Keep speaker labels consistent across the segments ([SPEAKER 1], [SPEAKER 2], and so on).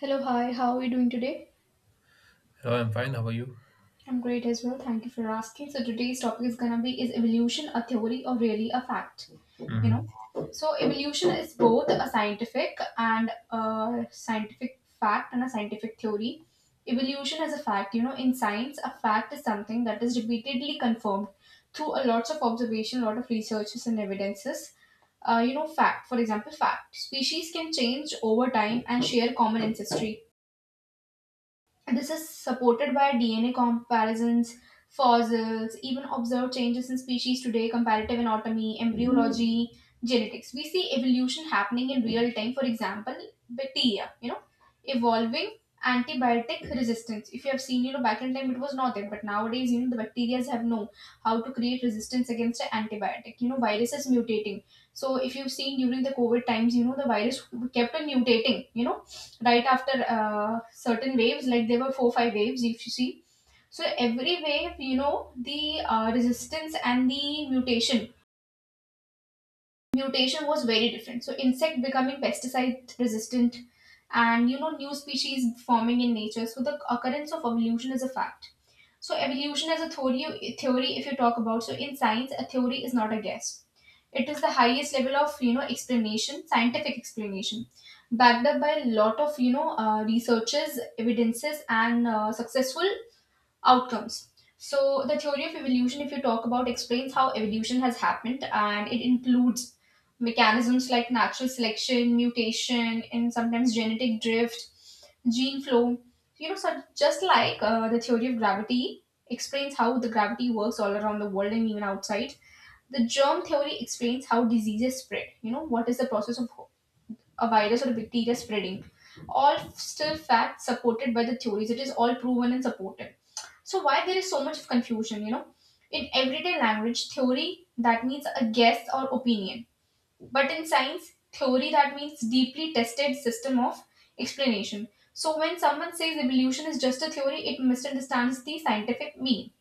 [SPEAKER 1] Hello, hi, how are you doing today?
[SPEAKER 2] Hello, I'm fine. How are you?
[SPEAKER 1] I'm great as well, thank you for asking. So, today's topic is gonna be is evolution a theory or really a fact? You know,
[SPEAKER 2] Mhm.
[SPEAKER 1] so evolution is both a scientific and a scientific fact and a scientific theory. Evolution is a fact, in science, a fact is something that is repeatedly confirmed through a lots of observation, a lot of researches and evidences. Fact, for example, fact. Species can change over time and share common ancestry. This is supported by DNA comparisons, fossils, even observed changes in species today, comparative anatomy, embryology, genetics. We see evolution happening in real time. For example, bacteria, evolving antibiotic resistance. If you have seen, back in time it was not there, but nowadays, the bacteria have know how to create resistance against an antibiotic. Viruses mutating. So if you've seen during the COVID times, the virus kept on mutating, right after certain waves, like there were four five waves, if you see. So every wave, the resistance and the mutation was very different. So insect becoming pesticide resistant, and new species forming in nature. So the occurrence of evolution is a fact. So evolution as a theory, if you talk about, so in science, a theory is not a guess. It is the highest level of, explanation, scientific explanation, backed up by a lot of, researches, evidences, and successful outcomes. So the theory of evolution, if you talk about, explains how evolution has happened, and it includes mechanisms like natural selection, mutation, and sometimes genetic drift, gene flow, so just like the theory of gravity explains how the gravity works all around the world and even outside. The germ theory explains how diseases spread. You know, what is the process of a virus or a bacteria spreading? All still facts supported by the theories. It is all proven and supported. So why there is so much of confusion? In everyday language, theory that means a guess or opinion, but in science, theory that means deeply tested system of explanation. So when someone says evolution is just a theory, it misunderstands the scientific meaning.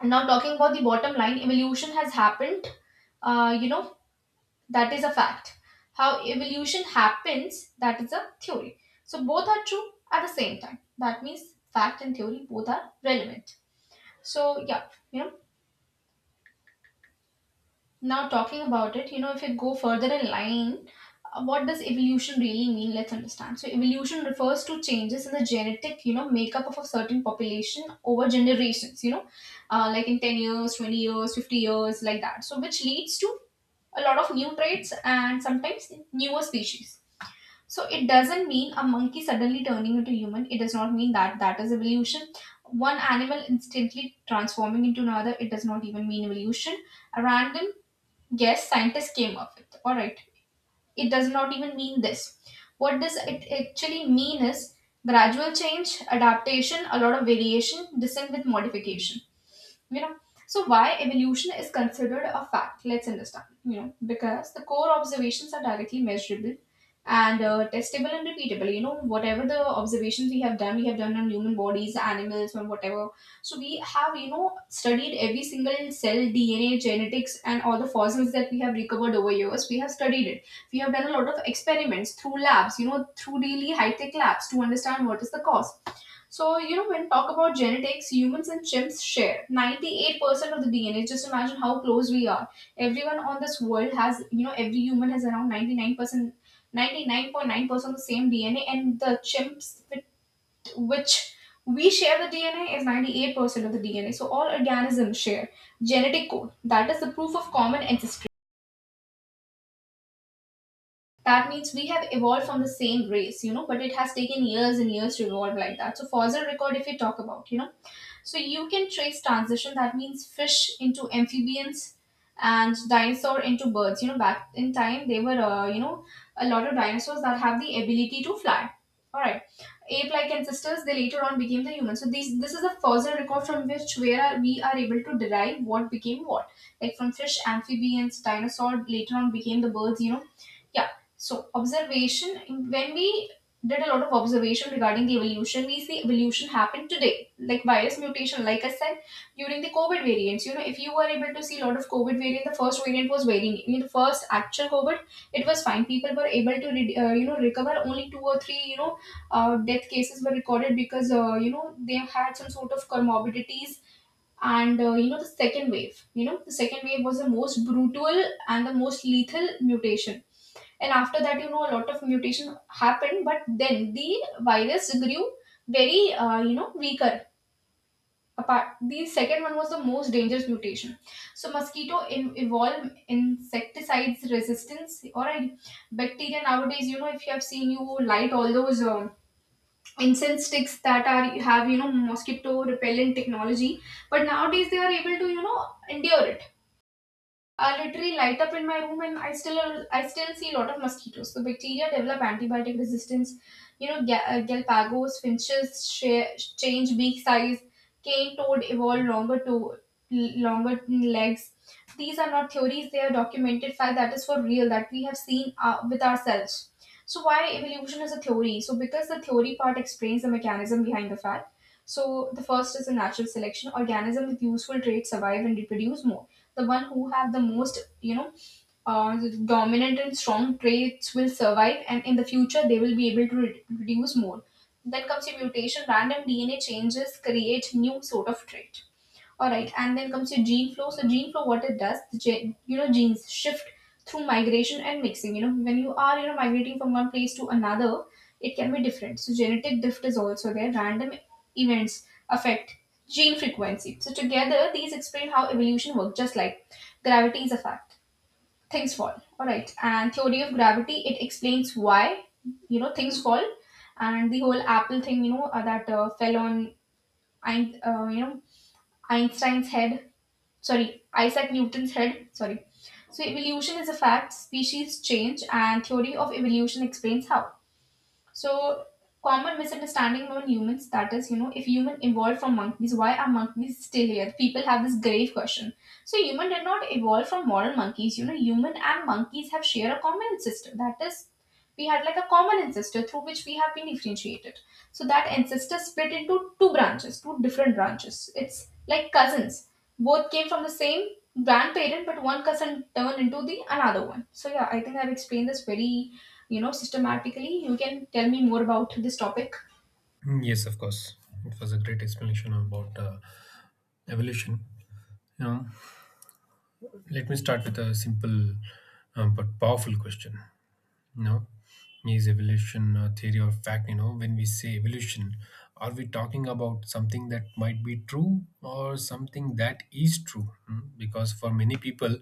[SPEAKER 1] And now talking about the bottom line, evolution has happened. Uh, you know, That is a fact. How evolution happens, that is a theory. So both are true at the same time. That means fact and theory both are relevant. So yeah, you know, now talking about it, if you go further in line, what does evolution really mean? Let's understand. So evolution refers to changes in the genetic, makeup of a certain population over generations, like in 10 years, 20 years, 50 years, like that. So which leads to a lot of new traits and sometimes newer species. So it doesn't mean a monkey suddenly turning into human. It does not mean that that is evolution. One animal instantly transforming into another. It does not even mean evolution. A random guess scientists came up with. All right. It does not even mean this. What does it actually mean is gradual change, adaptation, a lot of variation, descent with modification. You know so why evolution is considered a fact? Let's understand. Because the core observations are directly measurable and testable and repeatable. Whatever the observations we have done, we have done on human bodies, animals, or whatever. So we have, studied every single cell, DNA, genetics, and all the fossils that we have recovered over years, we have studied it. We have done a lot of experiments through labs, through really high tech labs to understand what is the cause. So, when we talk about genetics, humans and chimps share 98% of the DNA. Just imagine how close we are. Everyone on this world has, every human has around 99%, 99.9% the same DNA, and the chimps with which we share the DNA is 98% of the DNA. So, all organisms share genetic code. That is the proof of common ancestry. That means we have evolved from the same race, but it has taken years and years to evolve like that. So fossil record, if we talk about, so you can trace transition, that means fish into amphibians and dinosaur into birds. Back in time, they were a lot of dinosaurs that have the ability to fly. All right, ape like ancestors, they later on became the human. So these this is a fossil record from which, we are able to derive what became what, like from fish, amphibians, dinosaur later on became the birds, yeah. So observation, when we did a lot of observation regarding the evolution, we see evolution happen today, like virus mutation. Like I said, during the COVID variants, if you were able to see a lot of COVID variant, the first variant was very, new. In the first actual COVID, it was fine. People were able to, recover. Only two or three, death cases were recorded because, they had some sort of comorbidities. And you know the second wave. You know the second wave was the most brutal and the most lethal mutation. And after that, a lot of mutation happened, but then the virus grew very weaker apart. The second one was the most dangerous mutation. So mosquito evolve insecticides resistance. All right, bacteria nowadays, if you have seen you light all those incense sticks that are have, mosquito repellent technology, but nowadays they are able to, endure. I literally light up in my room, and I still see a lot of mosquitoes. So bacteria develop antibiotic resistance. You know, Galapagos finches change beak size. Cane toad evolve longer legs. These are not theories; they are documented fact that is for real that we have seen with ourselves. So why evolution is a theory? So because the theory part explains the mechanism behind the fact. So the first is the natural selection. Organism with useful traits survive and reproduce more. The one who have the most, uh, dominant and strong traits will survive, and in the future they will be able to reduce more. Then comes your mutation, random DNA changes create new sort of trait. All right, and then comes your gene flow. So gene flow, what it does, the genes shift through migration and mixing. You know when you are, migrating from one place to another, it can be different. So genetic drift is also there. Random events affect gene frequency. So together, these explain how evolution works. Just like gravity is a fact, things fall. All right, and theory of gravity, it explains why, things fall, and the whole apple thing, that fell on Ein- uh, you know Einstein's head. Sorry, Isaac Newton said, sorry. So evolution is a fact, species change, and theory of evolution explains how. So common misunderstanding among humans that is, if human evolved from monkeys, why are monkeys still here? People have this grave question. So human did not evolve from modern monkeys. You know, human and monkeys have share a common ancestor. That is we had like a common ancestor through which we have been differentiated. So that ancestor split into two branches, two different branches. It's like cousins. Both came from the same grandparent, but one cousin turned into the another one. So yeah, I think I've explained this very, systematically. You can tell me more about this topic.
[SPEAKER 2] Mm, yes, of course. It was a great explanation about evolution. You know, let me start with a simple but powerful question. You know, is evolution a theory or fact? You know, when we say evolution, are we talking about something that might be true or something that is true? Because for many people,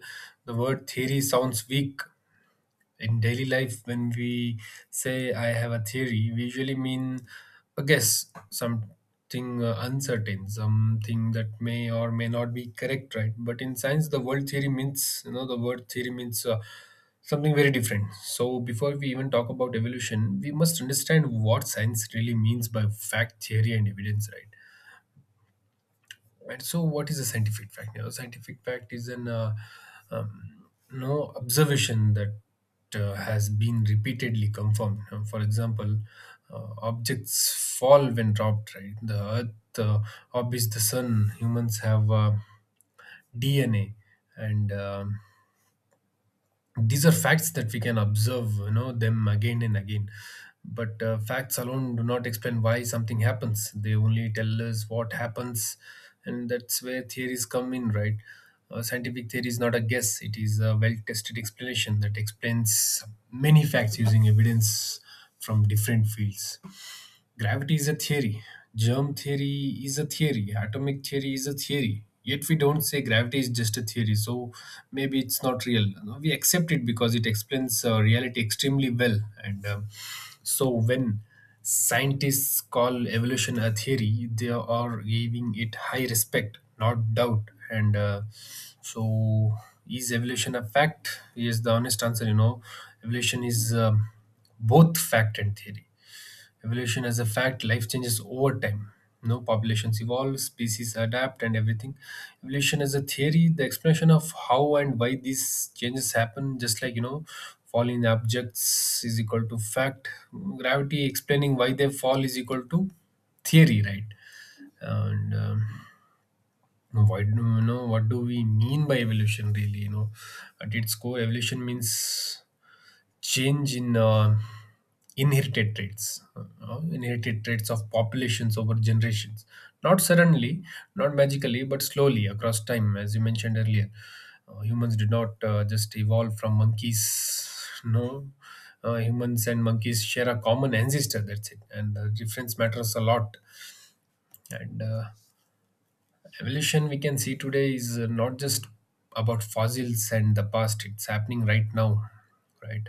[SPEAKER 2] the word theory sounds weak. In daily life, when we say I have a theory, we usually mean a guess, something uncertain, something that may or may not be correct, right? But in science, the word theory means, you know, the word theory means something very different. So before we even talk about evolution, we must understand what science really means by fact, theory, and evidence, right? Right. So, what is a scientific fact? You know, scientific fact is an um, no observation that has been repeatedly confirmed. For example, objects fall when dropped. Right, the Earth orbits the Sun. Humans have DNA, and these are facts that we can observe them again and again. But facts alone do not explain why something happens; they only tell us what happens. And that's where theories come in, right? Scientific theory is not a guess. It is a well tested explanation that explains many facts using evidence from different fields. Gravity is a theory, germ theory is a theory, atomic theory is a theory. Yet we don't say gravity is just a theory, so maybe it's not real. No, we accept it because it explains reality extremely well. And so when scientists call evolution a theory, they are giving it high respect, not doubt. And so is evolution a fact? Yes, the honest answer, you know, evolution is both fact and theory. Evolution as a fact: life changes over time. No populations evolve, species adapt, and everything. Evolution as a theory: the explanation of how and why these changes happen. Just like, you know, falling objects is equal to fact. Gravity explaining why they fall is equal to theory, right? And why do you know what do we mean by evolution really? You know, at its core, evolution means change in inherited traits of populations over generations, not suddenly, not magically, but slowly across time, as you mentioned earlier. Humans did not just evolve from monkeys. No, humans and monkeys share a common ancestor. That's it, and the difference matters a lot. And Evolution we can see today is not just about fossils and the past; it's happening right now, right?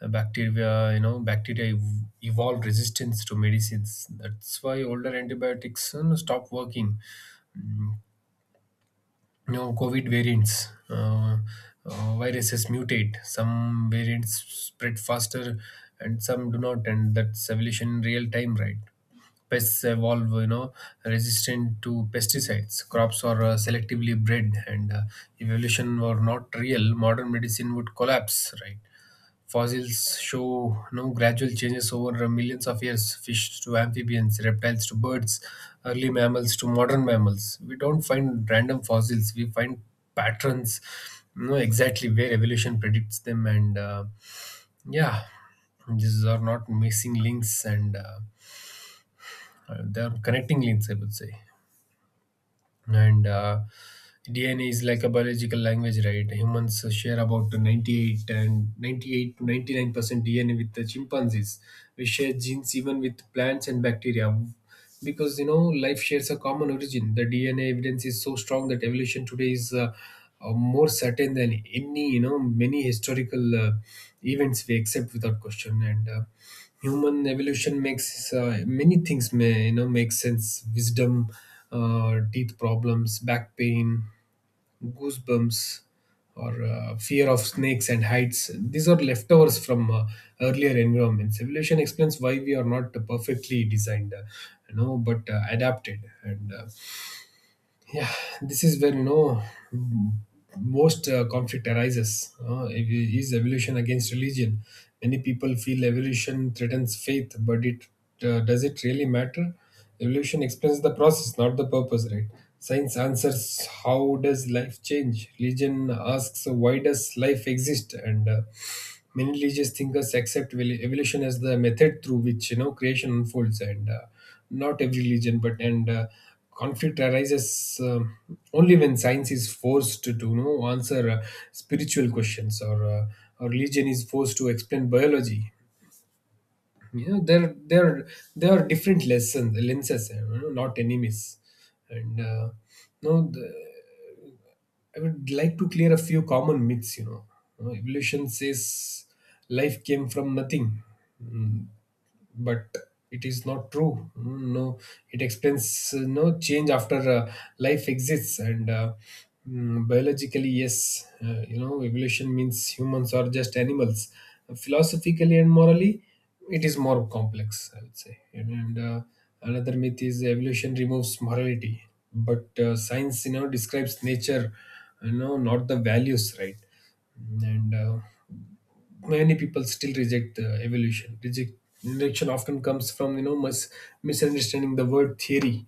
[SPEAKER 2] Bacteria, you know, bacteria ev- evolve resistance to medicines. That's why older antibiotics, you know, stop working. Mm. You know, COVID variants, viruses mutate. Some variants spread faster, and some do not. And that's evolution in real time, right? Pests evolve, you know, resistant to pesticides. Crops are selectively bred, and evolution were not real, modern medicine would collapse, right? Fossils show no gradual changes over millions of years: fish to amphibians, reptiles to birds, early mammals to modern mammals. We don't find random fossils, we find patterns, you know, exactly where evolution predicts them. Yeah, these are not missing links, and they are connecting links, I would say. And DNA is like a biological language, right? Humans share about 98 and 98 to 99% DNA with the chimpanzees. We share genes even with plants and bacteria, because, you know, life shares a common origin. The DNA evidence is so strong that evolution today is more certain than any you know, many historical events we accept without question. And Human evolution makes many things may you know, make sense: wisdom teeth problems, back pain, goosebumps, or fear of snakes and heights. These are leftovers from earlier environments. Evolution explains why we are not perfectly designed, you know, but adapted. And yeah This is where, you know, most conflict arises, if it is evolution against religion. Many people feel evolution threatens faith, but it does it really matter? Evolution explains the process, not the purpose, right? Science answers how does life change; religion asks why does life exist. And Many religious thinkers accept evolution as the method through which, you know, creation unfolds, and not every religion. But and uh, conflict arises only when science is forced to, you know, answer spiritual questions, or religion is forced to explain biology. You know, there are different lenses, you know, not enemies. And no, the, I would like to clear a few common myths. You know. You know, evolution says life came from nothing. Mm, but it is not true. Mm, no, it explains no change after life exists. Biologically, yes, you know, evolution means humans are just animals. Philosophically and morally, it is more complex, I would say. Another myth is evolution removes morality, but science, you know, describes nature, you know, not the values, right? and Many people still reject the evolution. Rejection often comes from, you know, misunderstanding the word theory,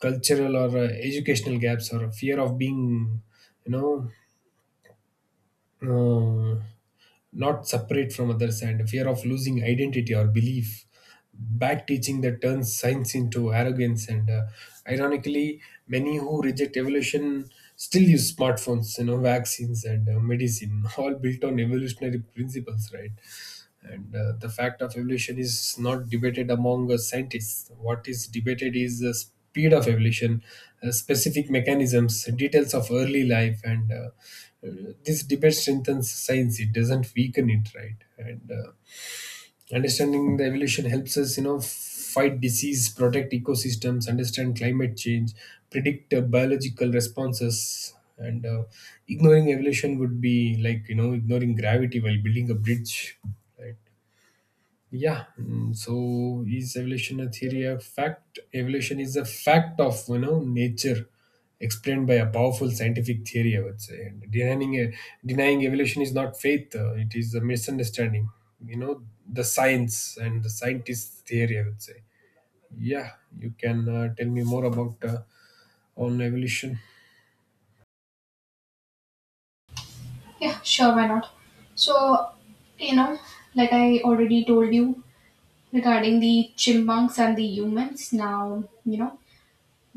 [SPEAKER 2] cultural or educational gaps, or a fear of being, you know, uh, not separate from others, and fear of losing identity or belief. Back teaching that turns science into arrogance. And Ironically, many who reject evolution still use smartphones, you know, vaccines and medicine, all built on evolutionary principles, right? And The fact of evolution is not debated among scientists. What is debated is the speed of evolution, specific mechanisms, details of early life, and this debate strengthens science. It doesn't weaken it, right? And Understanding the evolution helps us, you know, fight disease, protect ecosystems, understand climate change, predict biological responses. And Ignoring evolution would be like, you know, ignoring gravity while building a bridge, right? Yeah, mm, so is evolution a theory of fact? Evolution is a fact of, you know, nature, explained by a powerful scientific theory, I would say. And denying evolution is not faith; it is a misunderstanding. You know, the science and the scientist theory, I would say. Yeah, you can tell me more about on evolution.
[SPEAKER 1] Yeah, sure, why not? So, you know, like I already told you regarding the chimpanzees and the humans, now,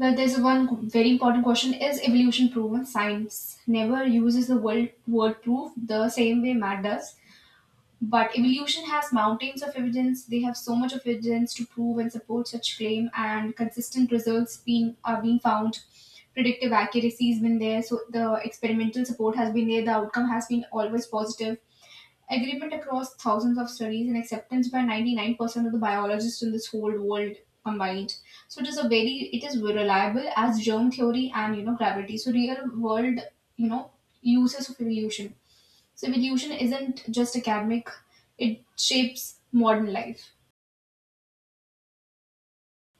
[SPEAKER 1] well, there's one very important question. Is evolution proven? Science never uses the word proof the same way math does. But evolution has mountains of evidence. They have so much of evidence to prove and support such claim and consistent results being found. Predictive accuracy has been there. So the experimental support has been there. The outcome has been always positive. Agreement across thousands of studies and acceptance by 99% of the biologists in this whole world combined. So it is it is reliable as germ theory and, gravity. So real world, you know, uses of evolution. So evolution isn't just academic, it shapes modern life.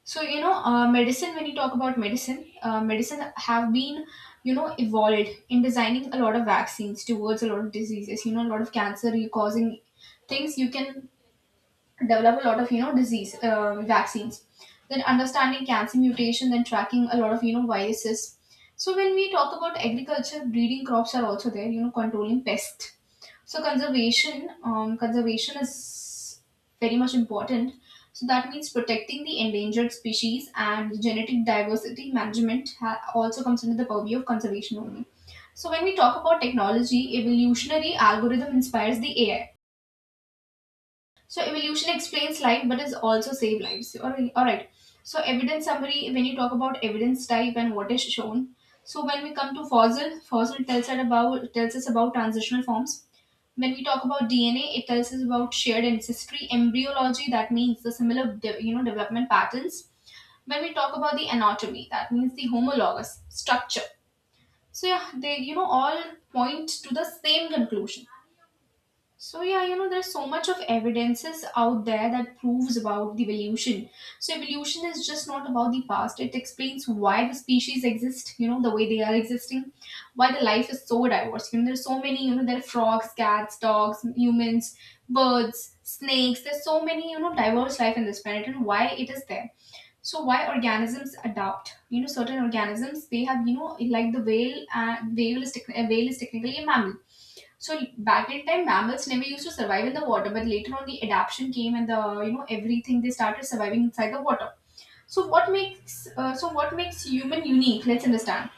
[SPEAKER 1] So, medicine, when you talk about medicine, medicine have been, you know, evolved in designing a lot of vaccines towards a lot of diseases, you know, a lot of cancer, you causing things you can develop a lot of, you know, disease vaccines, then understanding cancer mutation, then tracking a lot of, you know, viruses. So when we talk about agriculture, breeding crops are also there, you know, controlling pest. So conservation, conservation is very much important. So that means protecting the endangered species, and genetic diversity management also comes under the purview of conservation only. So when we talk about technology, evolutionary algorithm inspires the AI. So evolution explains life, but is also save lives. All right. All right. So evidence summary. When you talk about evidence type and what is shown, so when we come to fossil, fossil tells us about transitional forms. When we talk about DNA, it tells us about shared ancestry. Embryology, that means the similar you know, development patterns. When we talk about the anatomy, that means the homologous structure. So yeah, they, you know, all point to the same conclusion. So yeah, you know, there's so much of evidences out there that proves about the evolution. So evolution is just not about the past. It explains why the species exist, you know, the way they are existing, why the life is so diverse. You know, there's so many, you know, there are frogs, cats, dogs, humans, birds, snakes. There's so many, you know, diverse life in this planet and why it is there. So why organisms adapt, you know, certain organisms, they have, you know, like the whale, a whale is technically a mammal. So back in time, mammals never used to survive in the water, but later on the adaptation came and the, you know, everything, they started surviving inside the water. So what makes human unique? Let's understand.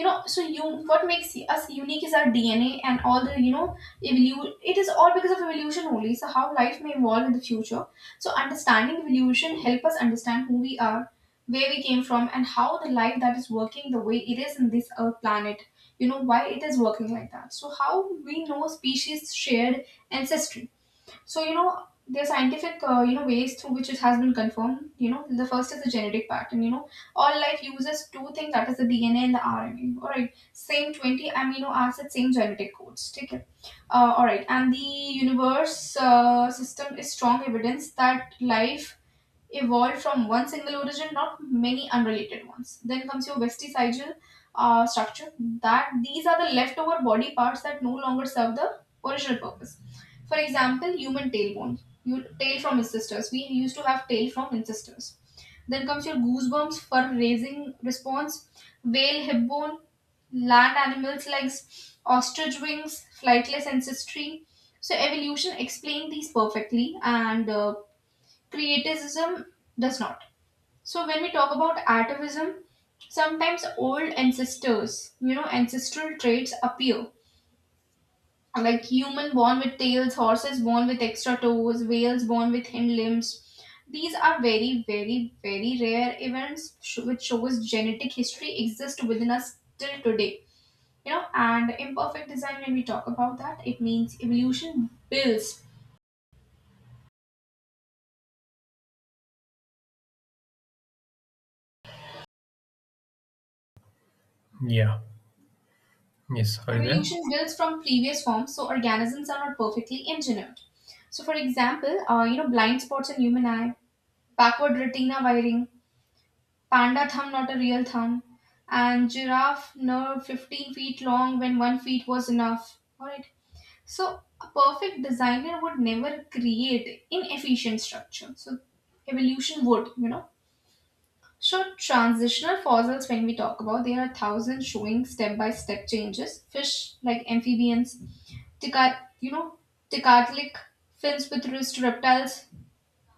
[SPEAKER 1] You know, so you, what makes us unique is our DNA and all the, you know, evolution. It is all because of evolution only. So how life may evolve in the future. So understanding evolution help us understand who we are, where we came from, and how the life that is working the way it is in this earth planet, you know, why it is working like that. So how we know species shared ancestry. So, you know, there are scientific, you know, ways through which it has been confirmed. You know, the first is the genetic pattern. You know, all life uses two things, that is the DNA and the RNA. All right, same 20 amino acids, same genetic codes. Take it. All right, and the universe system is strong evidence that life evolved from one single origin, not many unrelated ones. Then comes your vestigial structure. That these are the leftover body parts that no longer serve the original purpose. For example, human tailbone, you, tail from ancestors. We used to have tail from ancestors. Then comes your goosebumps for raising response, whale hip bone, land animals legs, ostrich wings, flightless ancestry. So evolution explained these perfectly, and Creativism does not. So when we talk about atavism, sometimes old ancestors, you know, ancestral traits appear. Like human born with tails, horses born with extra toes, whales born with hind limbs. These are very, very, very rare events which shows genetic history exists within us till today. You know, and imperfect design, when we talk about that, it means evolution builds.
[SPEAKER 2] Yeah. Yes. Are you there?
[SPEAKER 1] Evolution builds from previous forms, so organisms are not perfectly engineered. So, for example, you know, blind spots in human eye, backward retina wiring, panda thumb not a real thumb, and giraffe nerve 15 feet long when 1 foot was enough. All right. So, a perfect designer would never create inefficient structure. So, evolution would, you know. So, transitional fossils, when we talk about, there are thousands showing step by step changes. Fish like amphibians, ticat, you know, ticatlic fins with wrist reptiles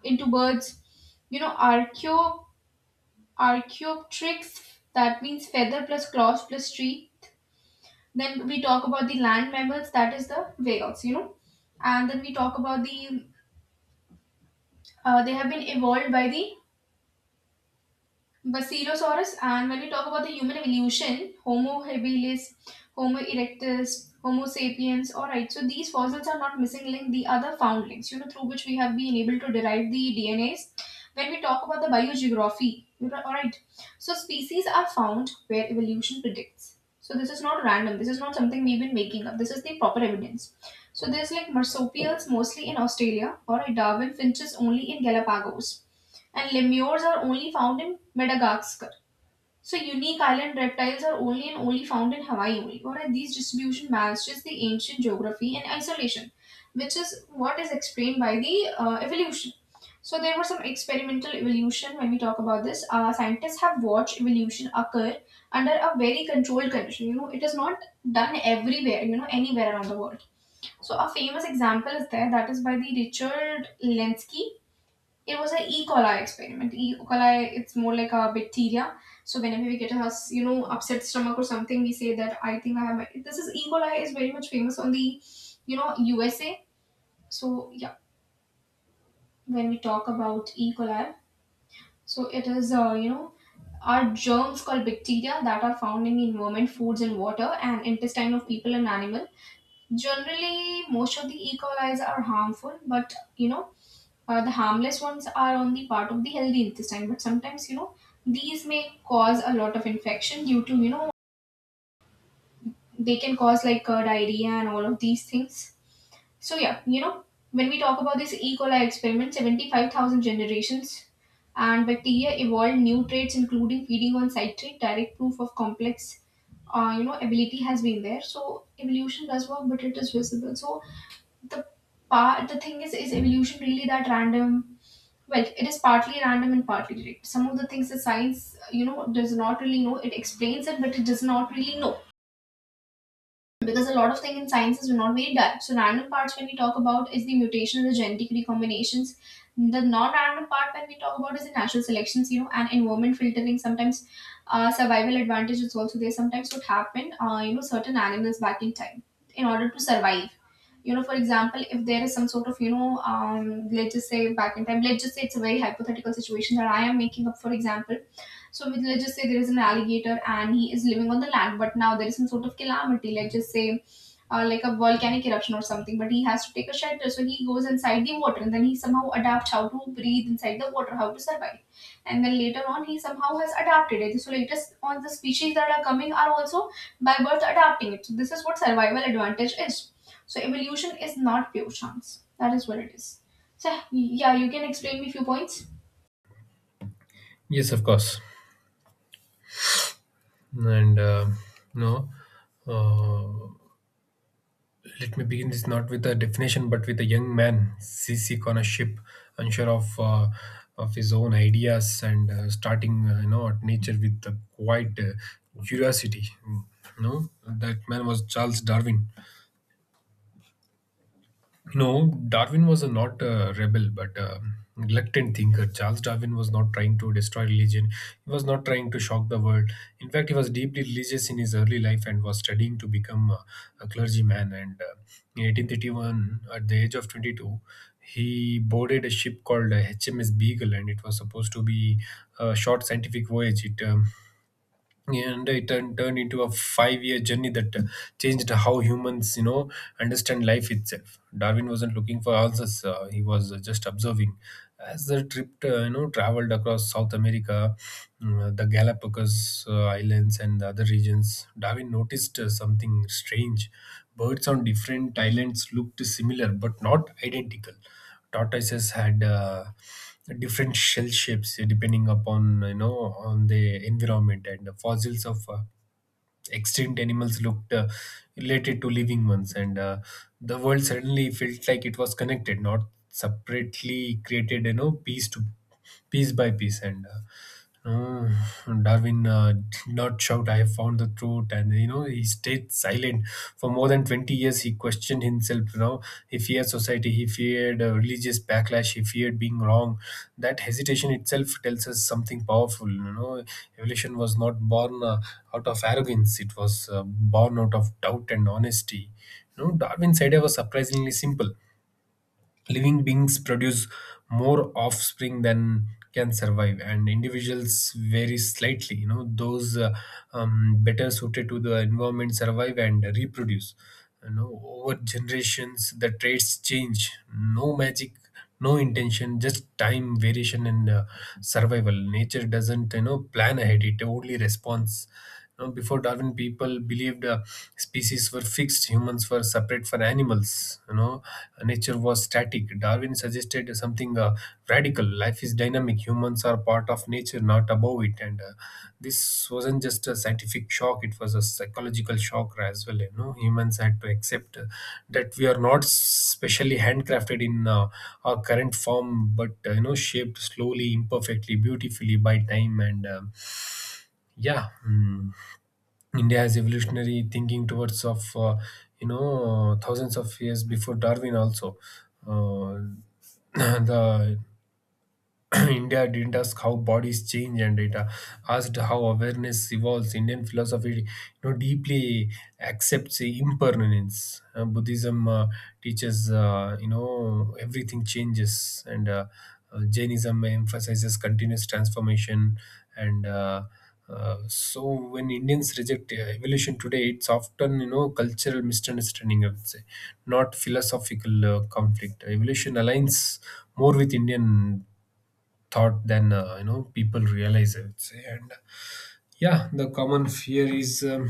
[SPEAKER 1] into birds, you know, archaeopteryx, that means feather plus claws plus teeth. Then we talk about the land mammals, that is the whales, you know, and then we talk about the, they have been evolved by the Basilosaurus, and when we talk about the human evolution, Homo habilis, Homo erectus, Homo sapiens, alright, so these fossils are not missing link, the other found links, you know, through which we have been able to derive the DNAs. When we talk about the biogeography, you know, alright, so species are found where evolution predicts. So this is not random, this is not something we've been making up, this is the proper evidence. So there's like marsupials mostly in Australia, or a Darwin finches only in Galapagos, and lemurs are only found in Madagascar. So unique island reptiles are only and only found in Hawaii only. What are these distribution matches the ancient geography and isolation, which is what is explained by the evolution. So there was some experimental evolution when we talk about this. Scientists have watched evolution occur under a very controlled condition. You know, it is not done everywhere. You know, anywhere around the world. So a famous example is there, that is by the Richard Lenski. It was an E. coli experiment. E. coli, it's more like a bacteria. So whenever we get a, you know, upset stomach or something, we say that I think I have. My-. This is E. coli is very much famous on the, you know, USA. So yeah, when we talk about E. coli, so it is you know, are germs called bacteria that are found in the environment, foods and water, and intestine of people and animal. Generally, most of the E. coli's are harmful, but, you know, the harmless ones are on the part of the healthy intestine, but sometimes, you know, these may cause a lot of infection due to, you know, they can cause like diarrhea and all of these things. So yeah, you know, when we talk about this E. coli experiment, 75,000 generations, and bacteria evolved new traits including feeding on citrate, direct proof of complex, you know, ability has been there. So evolution does work, but it is visible. So the part the thing is evolution really that random? Well, it is partly random and partly direct. Some of the things that science, you know, does not really know, it explains it, but it does not really know, because a lot of things in sciences are not very direct. So random parts when we talk about is the mutation, the genetic recombinations. The non-random part when we talk about is the natural selections, you know, and environment filtering. Sometimes survival advantage is also there. Sometimes what happened, you know, certain animals back in time in order to survive. You know, for example, if there is some sort of, you know, let's just say back in time, let's just say it's a very hypothetical situation that I am making up, for example, so with, let's just say there is an alligator and he is living on the land, but now there is some sort of calamity, let's just say like a volcanic eruption or something, but he has to take a shelter. So he goes inside the water and then he somehow adapts how to breathe inside the water, how to survive. And then later on, he somehow has adapted it. So latest on the species that are coming are also by birth adapting it. So this is what survival advantage is. So evolution is not pure chance. That is what it is. So yeah, you can explain me few points.
[SPEAKER 2] Yes, of course. And no, uh, Let me begin this not with a definition, but with a young man, seasick on a ship, unsure of his own ideas, and starting, you know, at nature with a quiet curiosity. You know, that man was Charles Darwin. No, Darwin was a not a rebel, but a reluctant thinker. Charles Darwin was not trying to destroy religion. He was not trying to shock the world. In fact, he was deeply religious in his early life and was studying to become a clergyman. And In 1831, at the age of 22, he boarded a ship called HMS Beagle, and it was supposed to be a short scientific voyage. It turned, turned into a five-year journey that changed how humans, you know, understand life itself. Darwin wasn't looking for answers; he was just observing. As the trip, you know, traveled across South America, the Galapagos Islands and the other regions, Darwin noticed something strange. Birds on different islands looked similar but not identical. Tortoises had different shell shapes depending upon, you know, on the environment, and the fossils of extinct animals looked related to living ones. And The world suddenly felt like it was connected, not separately created, you know, piece by piece. And no, Darwin did not shout, "I have found the truth." And, you know, he stayed silent for more than 20 years. He questioned himself, you know, he feared society, he feared religious backlash, he feared being wrong. That hesitation itself tells us something powerful. You know, evolution was not born out of arrogance; it was born out of doubt and honesty. You know, Darwin's idea was surprisingly simple. Living beings produce more offspring than can survive, and individuals vary slightly. You know, those better suited to the environment survive and reproduce. You know, over generations, the traits change. No magic, no intention, just time, variation and survival. Nature doesn't, plan ahead, it only responds. Before Darwin people believed species were fixed, humans were separate from animals, you know, nature was static. Darwin suggested something radical: life is dynamic, humans are part of nature, not above it. And This wasn't just a scientific shock, it was a psychological shock as well. You know, humans had to accept that we are not specially handcrafted in our current form, but you know, shaped slowly, imperfectly, beautifully by time. Yeah mm, India has evolutionary thinking towards of you know, thousands of years before Darwin also. uh, the India didn't ask how bodies change, and it asked how awareness evolves. Indian philosophy, you know, deeply accepts impermanence. Buddhism teaches, you know, everything changes, and Jainism emphasizes continuous transformation. And so, when Indians reject evolution today, it's often, you know, cultural misunderstanding, I would say, not philosophical conflict. Evolution aligns more with Indian thought than you know, people realize, I would say. And yeah the common fear is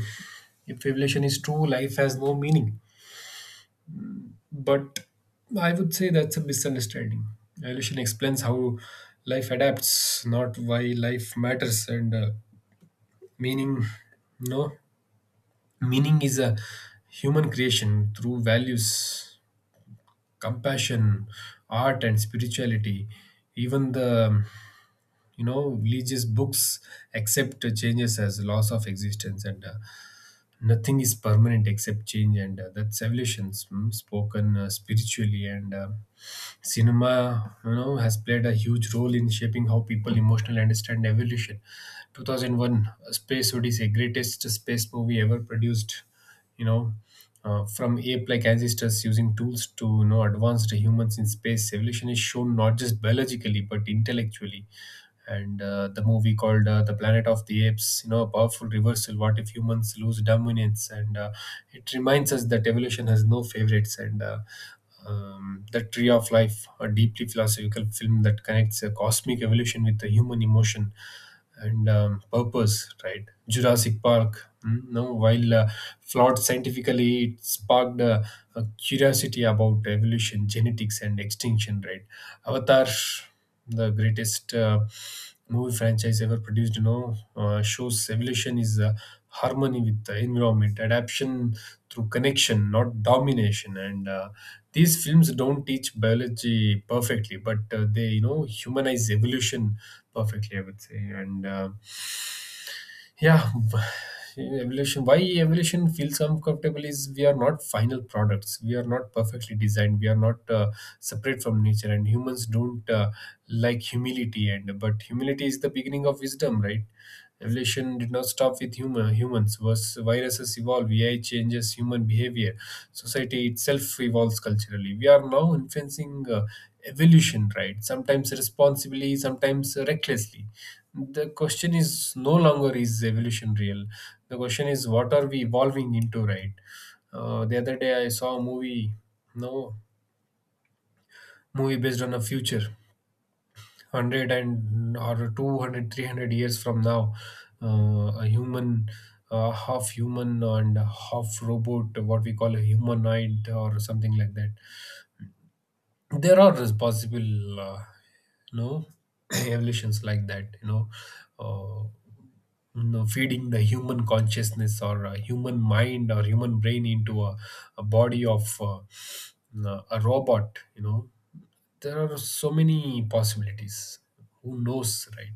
[SPEAKER 2] if revelation is true, life has no meaning. But I would say that's a misunderstanding. Revelation explains how life adapts, not why life matters. And meaning no Meaning is a human creation, through values, compassion, art and spirituality. Even the religious books accept changes as loss of existence, and nothing is permanent except change, and that's evolutions spoken spiritually. And Cinema, you know, has played a huge role in shaping how people emotionally understand evolution. 2001: A Space Odyssey, greatest space movie ever produced, you know, from ape-like ancestors using tools to, you know, advanced humans in space, evolution is shown not just biologically but intellectually. And The movie called The Planet of the Apes, you know, a powerful reversal: what if humans lose dominance? And it reminds us that evolution has no favorites and The Tree of Life, a deeply philosophical film that connects cosmic evolution with the human emotion and purpose, right? Jurassic Park. No, while flawed scientifically, it sparked a curiosity about evolution, genetics, and extinction, right? Avatar, the greatest movie franchise ever produced, you know, shows evolution is harmony with the environment, adaptation through connection, not domination. And These films don't teach biology perfectly, but they, you know, humanize evolution perfectly, I would say. And uh, yeah evolution Why evolution feels uncomfortable is: we are not final products, we are not perfectly designed, we are not separate from nature, and humans don't like humility, and but humility is the beginning of wisdom, right? Evolution did not stop with humans. Was Viruses evolve, AI changes human behavior, society itself evolves culturally. We are now influencing evolution, right? Sometimes responsibly, sometimes recklessly. The question is no longer is evolution real, the question is what are we evolving into, right? The other day I saw a movie, no movie based on a future 100 and or 200, 300 years from now. A human, half human and half robot, what we call a humanoid or something like that. There are possible, you know, evolutions like that, you know, uh, you know, feeding the human consciousness or a human mind or human brain into a body of a robot, you know. There are so many possibilities. Who knows, right?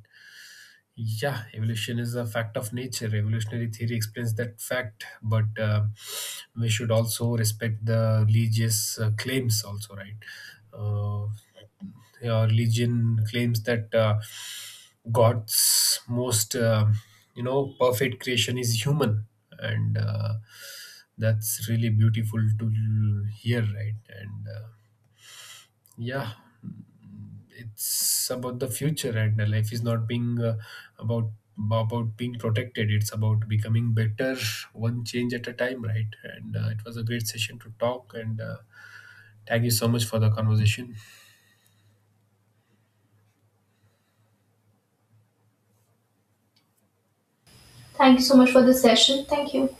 [SPEAKER 2] Yeah, evolution is a fact of nature. Evolutionary theory explains that fact, but we should also respect the religious claims, also, right? Uh, yeah, religion claims that God's most, you know, perfect creation is human, and that's really beautiful to hear, right? And yeah it's about the future, and the life is not being about about being protected, it's about becoming better, one change at a time, right? and It was a great session to talk, and thank you so much for the conversation.
[SPEAKER 1] Thank you so much for this session. Thank you.